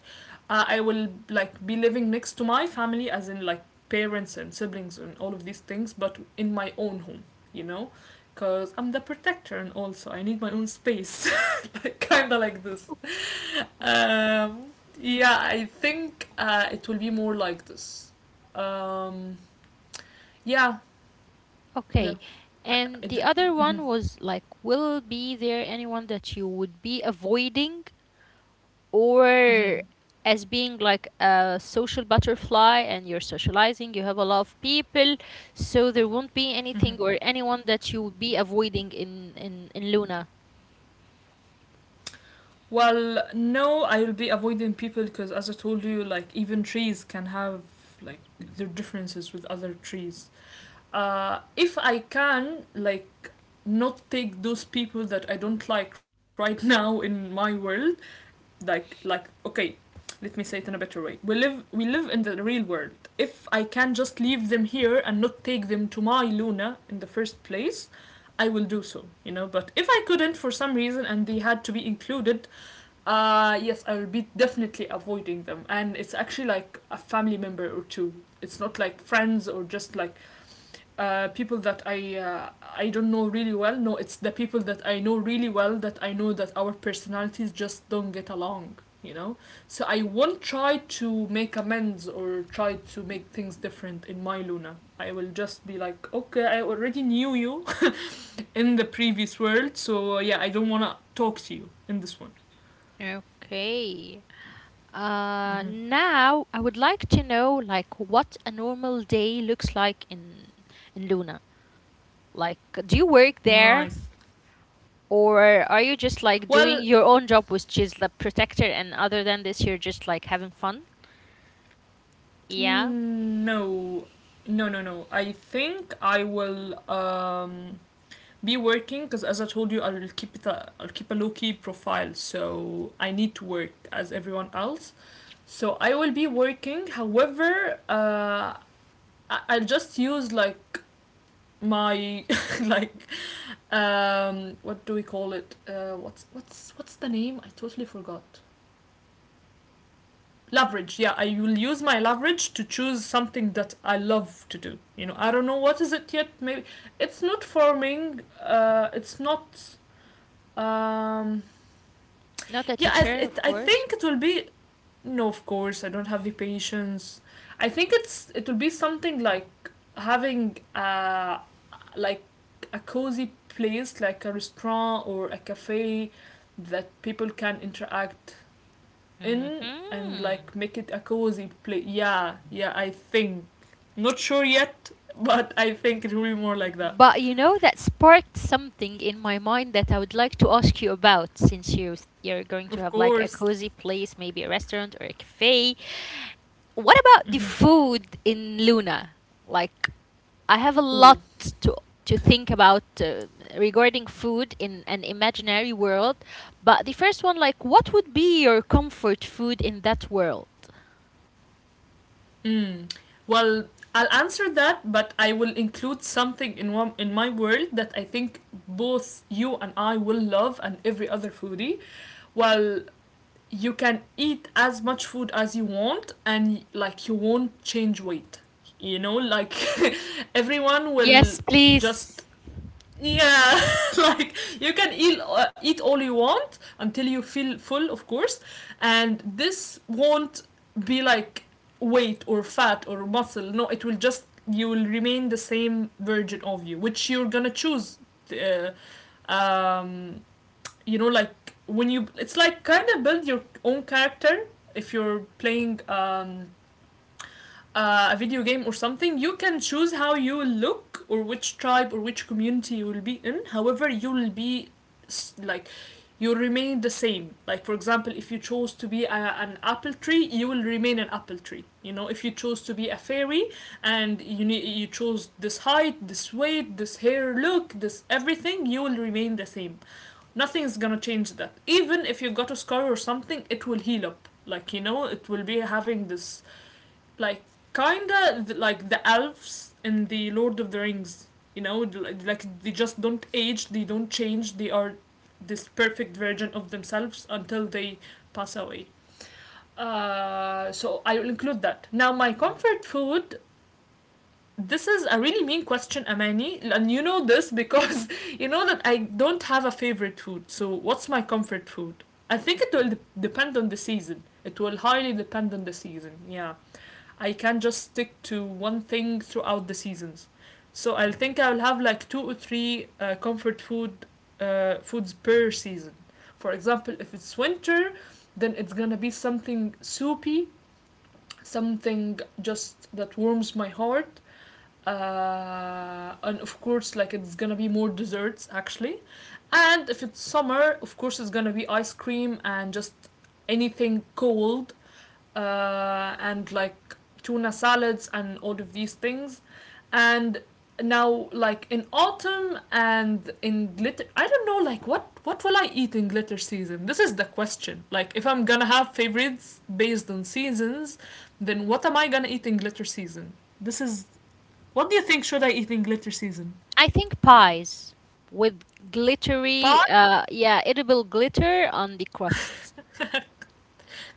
S2: I will like be living next to my family, as in like parents and siblings and all of these things, but in my own home, you know, because I'm the protector and also I need my own space, like, kind of like this. Um, yeah, I think it will be more like this. Um, yeah, yeah.
S1: Okay.
S2: I, I
S1: And the
S2: did.
S1: other
S2: Hmm.
S1: one was like, will be there anyone that you would be avoiding, or
S2: Hmm.
S1: as being like a social butterfly and you're socializing, you have a lot of people, so there won't be
S2: Hmm.
S1: anything or anyone that you would be avoiding in Luna.
S2: Well, no, I will be avoiding people because, as I told you, like, even trees can have like their differences with other trees. If I can, like, not take those people that I don't like right now in my world, like, okay, let me say it in a better way. We live in the real world. If I can just leave them here and not take them to my Luna in the first place, I will do so, you know. But if I couldn't for some reason and they had to be included, yes, I will be definitely avoiding them. And it's actually like a family member or two. It's not like friends or just like people that I don't know really well. No, it's the people that I know really well, that I know that our personalities just don't get along. You know, so I won't try to make amends or try to make things different in my Luna. I will just be like, okay, I already knew you in the previous world, so yeah, I don't wanna talk to you in this one.
S1: Okay.
S2: Mm-hmm.
S1: Now I would like to know like what a normal day looks like in Luna. Like, do you work there?
S2: Nice.
S1: Or are you just like doing
S2: Well,
S1: your own job, which is the protector, and other than this, you're just like having fun? Yeah,
S2: no, no, no, no. I think I will be working because, as I told you, I'll keep it. A, I'll keep a low key profile, so I need to work as everyone else. So I will be working. However, I'll just use, like, my like, what do we call it, what's the name, I totally forgot. Leverage, yeah, I will use my leverage to choose something that I love to do, you know. I don't know what is it yet. Maybe it's not farming. It's not, um
S1: not a
S2: yeah,
S1: teacher, of
S2: I
S1: course.
S2: think it will be, no, of course, I don't have the patience. I think it will be something like having like a cozy place like a restaurant or a cafe that people can interact in, and
S1: Hmm.
S2: like make it a cozy place. Yeah, yeah, I think. Not sure yet, but I think it will be more like that.
S1: But you know, that sparked something in my mind that I would like to ask you about. Since you, you're going to
S2: Of
S1: have like a
S2: course.
S1: cozy place, maybe a restaurant or a cafe, what about the
S2: Mhm.
S1: food in Luna? Like, I have a lot
S2: Ooh.
S1: to to think about regarding food in an imaginary world. But the first one, like, what would be your comfort food in that world?
S2: Mm. Well, I'll answer that, but I will include something in my world that I think both you and I will love, and every other foodie. Well, you can eat as much food as you want, and like you won't change weight. You know, like everyone will
S1: Yes,
S2: just
S1: please.
S2: yeah, like you can eat all you want until you feel full, of course, and this won't be like weight or fat or muscle. No, it will just, you will remain the same version of you which you're gonna choose. uh, um, you know, like when you, it's like kind of build your own character if you're playing a video game or something. You can choose how you look or which tribe or which community you will be in. However, you will be, like, you remain the same. Like for example, if you chose to be an apple tree, you will remain an apple tree. You know, if you chose to be a fairy and you need, you chose this height, this weight, this hair look, this everything, you will remain the same. Nothing is gonna change that. Even if you got a scar or something, it will heal up. Like, you know, it will be having this, like, like the elves in the Lord of the Rings. You know, like, they just don't age, they don't change, they are this perfect version of themselves until they pass away. So I'll include that. Now, my comfort food. This is a really mean question, Amani, and you know this because you know that I don't have a favorite food. So, what's my comfort food? I think it will depend on the season. It will highly depend on the season. Yeah. I can just stick to one thing throughout the seasons. So I'll think I'll have like two or three comfort foods per season. For example, if it's winter, then it's gonna be something soupy, something just that warms my heart. And of course, like, it's gonna be more desserts actually. And if it's summer, of course, it's gonna be ice cream and just anything cold, and like tuna salads and all of these things. And now, like, in autumn and in glitter, I don't know, like, what will I eat in glitter season? This is the question. Like, if I'm gonna have favorites based on seasons, then what am I gonna eat in glitter season? This is, what do you think should I eat in glitter season?
S1: I think pies with glittery,
S2: Pie.
S1: yeah, edible glitter on the crust.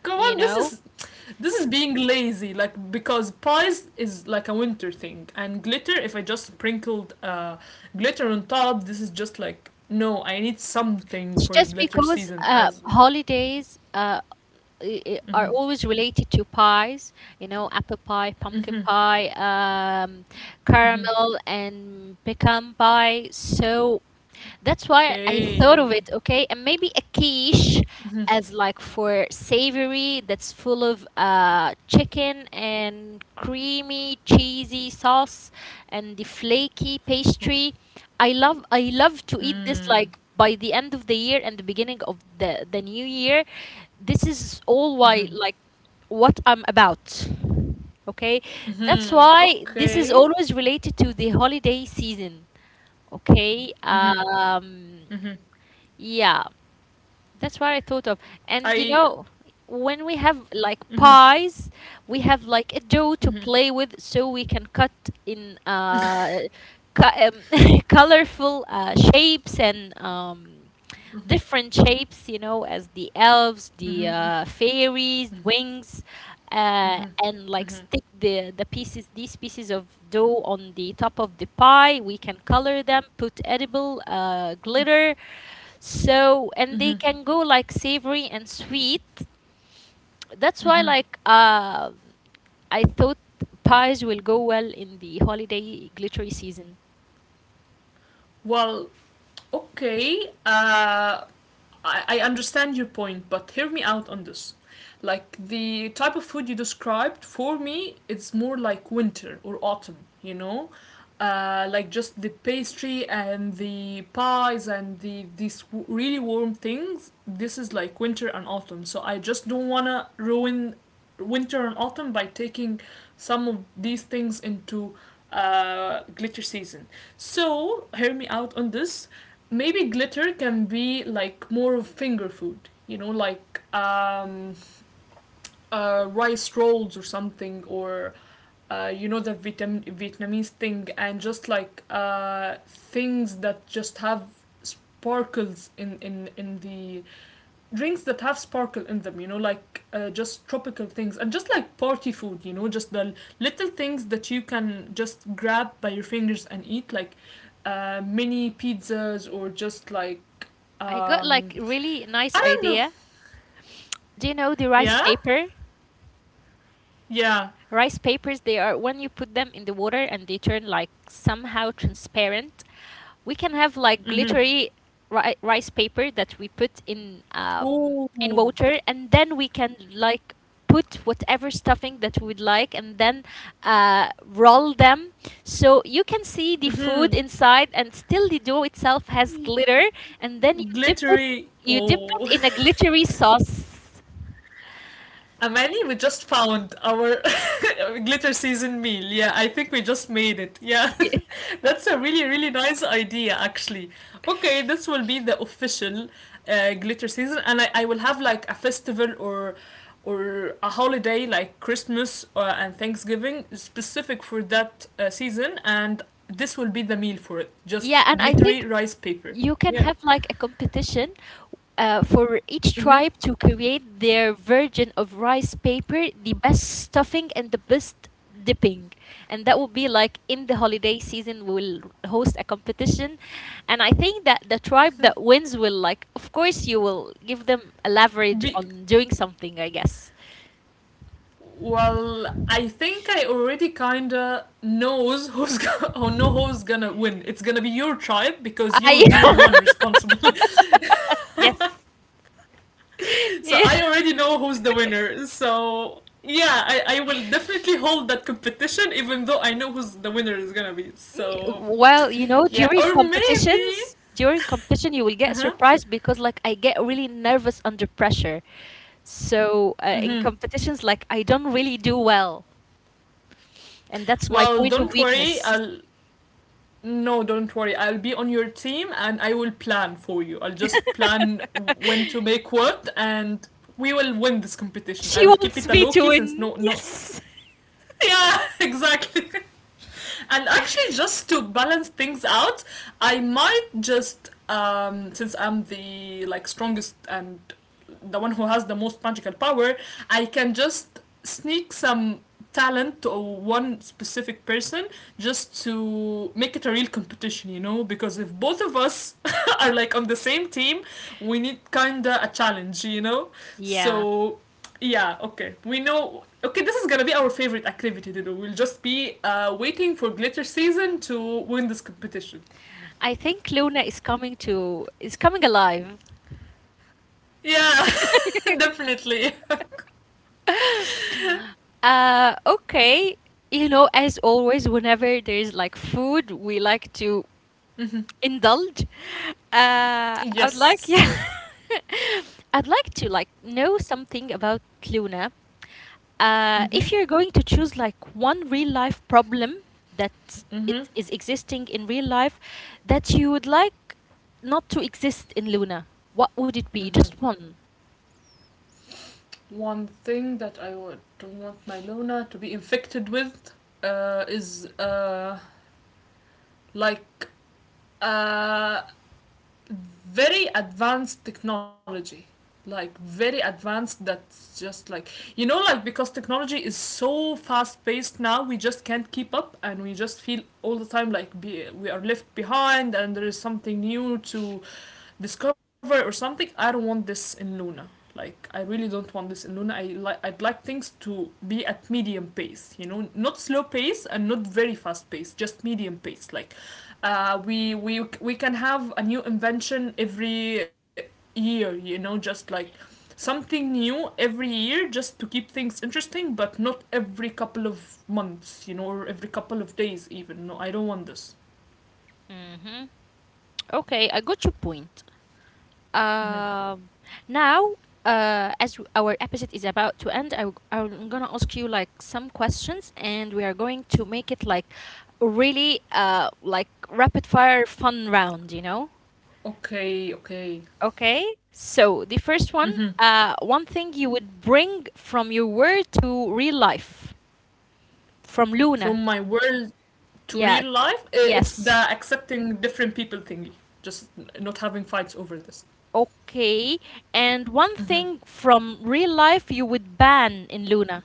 S2: Come
S1: You
S2: on, this
S1: know,
S2: is this is being lazy, like, because pies is like a winter thing, and glitter. If I just sprinkled glitter on top, this is just like, no. I need something
S1: it's
S2: for
S1: just
S2: glitter
S1: because
S2: season. As
S1: holidays.
S2: mm-hmm,
S1: Are always related to pies, you know, apple pie, pumpkin
S2: mm-hmm,
S1: pie,
S2: mm-hmm.
S1: caramel, and pecan pie. So that's why I thought of
S2: Okay.
S1: it, okay? And maybe a quiche as like for savory, that's full of chicken and creamy cheesy sauce and the flaky
S2: Oh,
S1: pastry. I love to eat this
S2: mm,
S1: like by the end of the year and the beginning of the new year. This is all why
S2: mm-hmm,
S1: like what I'm about. Okay? That's
S2: mm-hmm.
S1: why this is
S2: Okay,
S1: always related to the holiday season. Okay.
S2: mm-hmm, mm-hmm.
S1: Yeah, that's what I thought of. And you
S2: I
S1: know, when we have like
S2: mm-hmm,
S1: pies, we have like a dough to
S2: mm-hmm.
S1: play with, so we can cut in colorful shapes and different shapes, you know, as the elves,
S2: Mm-hmm.
S1: the
S2: Mm-hmm,
S1: fairies, wings,
S2: mm-hmm,
S1: and like
S2: mm-hmm.
S1: stick the pieces, these pieces of dough on the top of the pie. We can color them, put edible glitter. So and they
S2: Mm-hmm.
S1: can go like savory and sweet. That's why like I thought pies will go well in the holiday glittery season.
S2: Well, okay. I understand your point, but hear me out on this. Like the type of food you described for me, it's more like winter or autumn. You know, like, just the pastry and the pies and the these really warm things. This is like winter and autumn, so I just don't want to ruin winter and autumn by taking some of these things into glitter season. So hear me out on this. Maybe glitter can be like more of finger food, you know, like, rice rolls or something, or you know, the Vietnamese thing, and just like, things that just have sparkles in the drinks that have sparkle in them, you know, like, just tropical things, and just like party food, you know, just the little things that you can just grab by your fingers and eat, like, mini pizzas, or just like,
S1: I got
S2: um,
S1: like really nice
S2: I don't know.
S1: idea. Do you know the rice
S2: Yeah.
S1: paper?
S2: Yeah.
S1: Rice papers, they are when you put them in the water and they turn like somehow transparent. We can have like
S2: Mm-hmm.
S1: glittery rice paper that we put in
S2: Ooh,
S1: water, and then we can like put whatever stuffing that we would like, and then roll them. So you can see the food inside, and still the dough itself has glitter, and then you dip it.
S2: glittery.
S1: You dip
S2: Oh,
S1: it in a glittery sauce.
S2: Amani, we just found our glitter season meal. Yeah, I think we just made it. Yeah, that's a really really nice idea actually. Okay, this will be the official glitter season, and I will have like a festival or a holiday like Christmas and Thanksgiving specific for that season, and this will be the meal for it. Just
S1: Yeah, and I think
S2: glittery rice paper.
S1: you can
S2: Yeah.
S1: have like a competition for each
S2: Mm-hmm.
S1: tribe to create their version of rice paper, the best stuffing and the best dipping. And that will be like in the holiday season, we'll host a competition. And I think that the tribe that wins will, like, of course, you will give them a leverage
S2: Be,
S1: on doing something, I guess.
S2: well, I think I already kinda knows or know who's gonna win. It's gonna be your tribe because you
S1: I,
S2: will be the one responsible.
S1: yes.
S2: So I already know who's the winner. So yeah, I will definitely hold that competition even though I know who's the winner is gonna be. So
S1: Well, you know,
S2: yeah, or maybe
S1: during competition, you will get
S2: uh-huh.
S1: surprised because, like, I get really nervous under pressure. So, in competitions, like, I don't really do well. And that's my
S2: Well,
S1: point of
S2: don't worry.
S1: weakness.
S2: I'll, no, don't worry. I'll be on your team and I will plan for you. I'll just plan when to make what, and we will win this competition. I
S1: She
S2: will keep it
S1: wants
S2: a
S1: me
S2: low
S1: to
S2: key since
S1: win.
S2: no no.
S1: Yes.
S2: Yeah, exactly. And actually, just to balance things out, I might just since I'm the, like, strongest and the one who has the most magical power, I can just sneak some talent to one specific person just to make it a real competition, you know, because if both of us are like on the same team, we need kinda a challenge, you know.
S1: Yeah.
S2: So yeah, okay. We know. Okay, this is gonna be our favorite activity to do. We'll just be waiting for glitter season to win this competition.
S1: I think Luna is coming to, is coming alive.
S2: Yeah, definitely.
S1: Okay. You know, as always, whenever there's like food, we like to indulge. I would like,
S2: Yes.
S1: yeah, I'd like to like know something about Luna. If
S2: Mm-hmm,
S1: you're going to choose like one real life problem that it is
S2: mm-hmm,
S1: existing in real life that you would like not to exist in Luna, what would it be? Just
S2: mm-hmm.
S1: one.
S2: One thing that I would, don't want my Luna to be infected with is like, uh, very advanced technology, like very advanced that's just like, you know, like, because technology is so fast paced now, we just can't keep up, and we just feel all the time like, we are left behind and there is something new to discover or something. I don't want this in Luna. Like I really don't want this in Luna. I like, I'd like things to be at medium pace. You know, not slow pace and not very fast pace. Just medium pace. Like, we can have a new invention every year. You know, just like something new every year just to keep things interesting, but not every couple of months, you know, or every couple of days even. No, I don't want this.
S1: Hmm. Okay, I got your point.
S2: Mm-hmm.
S1: Um, Now, our episode is about to end, I am gonna ask you like some questions, and we are going to make it like really like rapid fire fun round, you know?
S2: Okay, okay.
S1: Okay. So the first
S2: Mm-hmm.
S1: one, one thing you would bring from your world to real life, from Luna.
S2: From my world to
S1: Yeah.
S2: real life, it's the
S1: Yes.
S2: accepting different people thingy, just not having fights over this.
S1: Okay. And one thing from real life you would ban in Luna.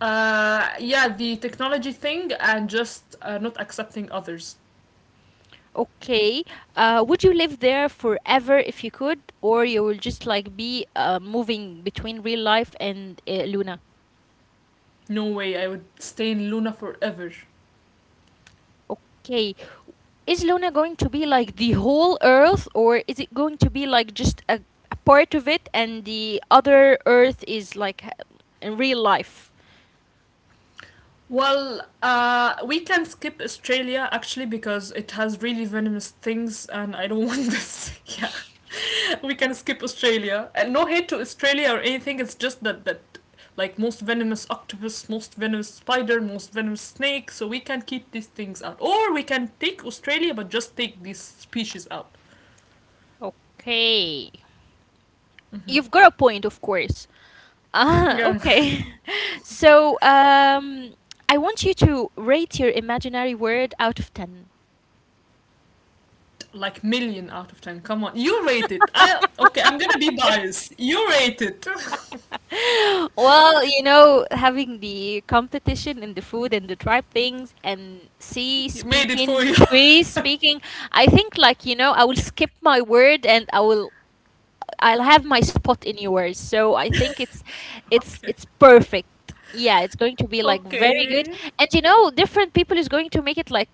S2: Yeah, the technology thing, and just, not accepting others.
S1: Okay. Would you live there forever if you could, or you will just like be moving between real life and Luna?
S2: No way, I would stay in Luna forever.
S1: Okay. Is Luna going to be like the whole Earth, or is it going to be like just a part of it, and the other Earth is like in real life?
S2: Well, we can skip Australia actually because it has really venomous things and I don't want this. Yeah. We can skip Australia. And no hate to Australia or anything. It's just that like most venomous octopus, most venomous spider, most venomous snake. So we can keep these things out, or we can take Australia but just take these species out.
S1: Okay. You've got a point, of course. Ah,
S2: Yeah,
S1: okay. So, I want you to rate your imaginary world out of 10.
S2: like million out of 10. Come on, you rate it. I, okay. I'm gonna be biased. You rate it.
S1: Well, you know, having the competition and the food and the tribe things and sea
S2: You made it
S1: speaking,
S2: for you.
S1: tree speaking, I think, like, you know, I will skip my word and I'll have my spot in yours. So I think it's
S2: Okay.
S1: it's perfect. Yeah, it's going to be like very good.
S2: Okay.
S1: And you know, different people is going to make it like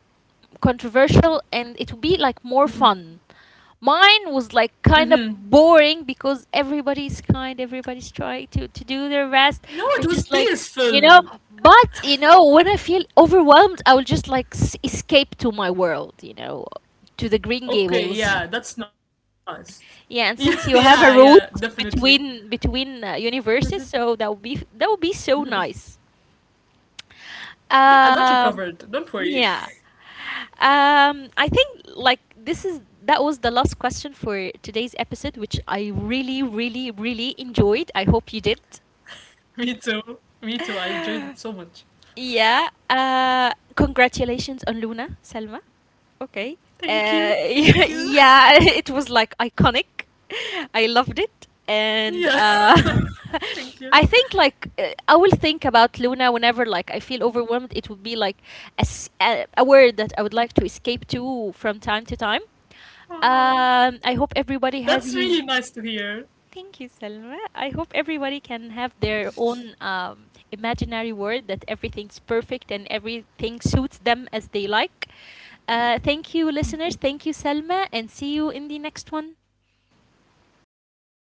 S1: controversial and it will be like more fun. Mine was like
S2: Mhm.
S1: kind of boring because everybody's trying to do their best.
S2: No, it
S1: It's
S2: was
S1: just like, you know,
S2: peaceful.
S1: but, you know, when I feel overwhelmed, I will just like escape to my world, you know, to the Green Gables.
S2: Okay. Yeah, that's nice. Yeah,
S1: Yeah, and since
S2: yeah,
S1: you have a
S2: yeah.
S1: route
S2: Definitely.
S1: between universes, so that would be so
S2: Mhm.
S1: nice.
S2: Yeah, I got you
S1: Um,
S2: covered. Don't worry.
S1: yeah. I think like this is that was the last question for today's episode, which I really, really, really enjoyed. I hope you did.
S2: Me too. Me too. I enjoyed it so much.
S1: Yeah. Congratulations on Luna, Selma. Okay. Uh,
S2: Thank you. Thank
S1: yeah,
S2: you.
S1: it was like iconic. I loved it, and
S2: Yeah. Thank you.
S1: I think like I will think about Luna whenever like I feel overwhelmed. It would be like a word that I would like to escape to from time to time. I
S2: Aw.
S1: hope everybody has
S2: That's really
S1: his
S2: nice to hear.
S1: Thank you, Selma. I hope everybody can have their own imaginary world that everything's perfect and everything suits them as they like. Thank you, listeners. Thank you, Selma, and see you in the next one.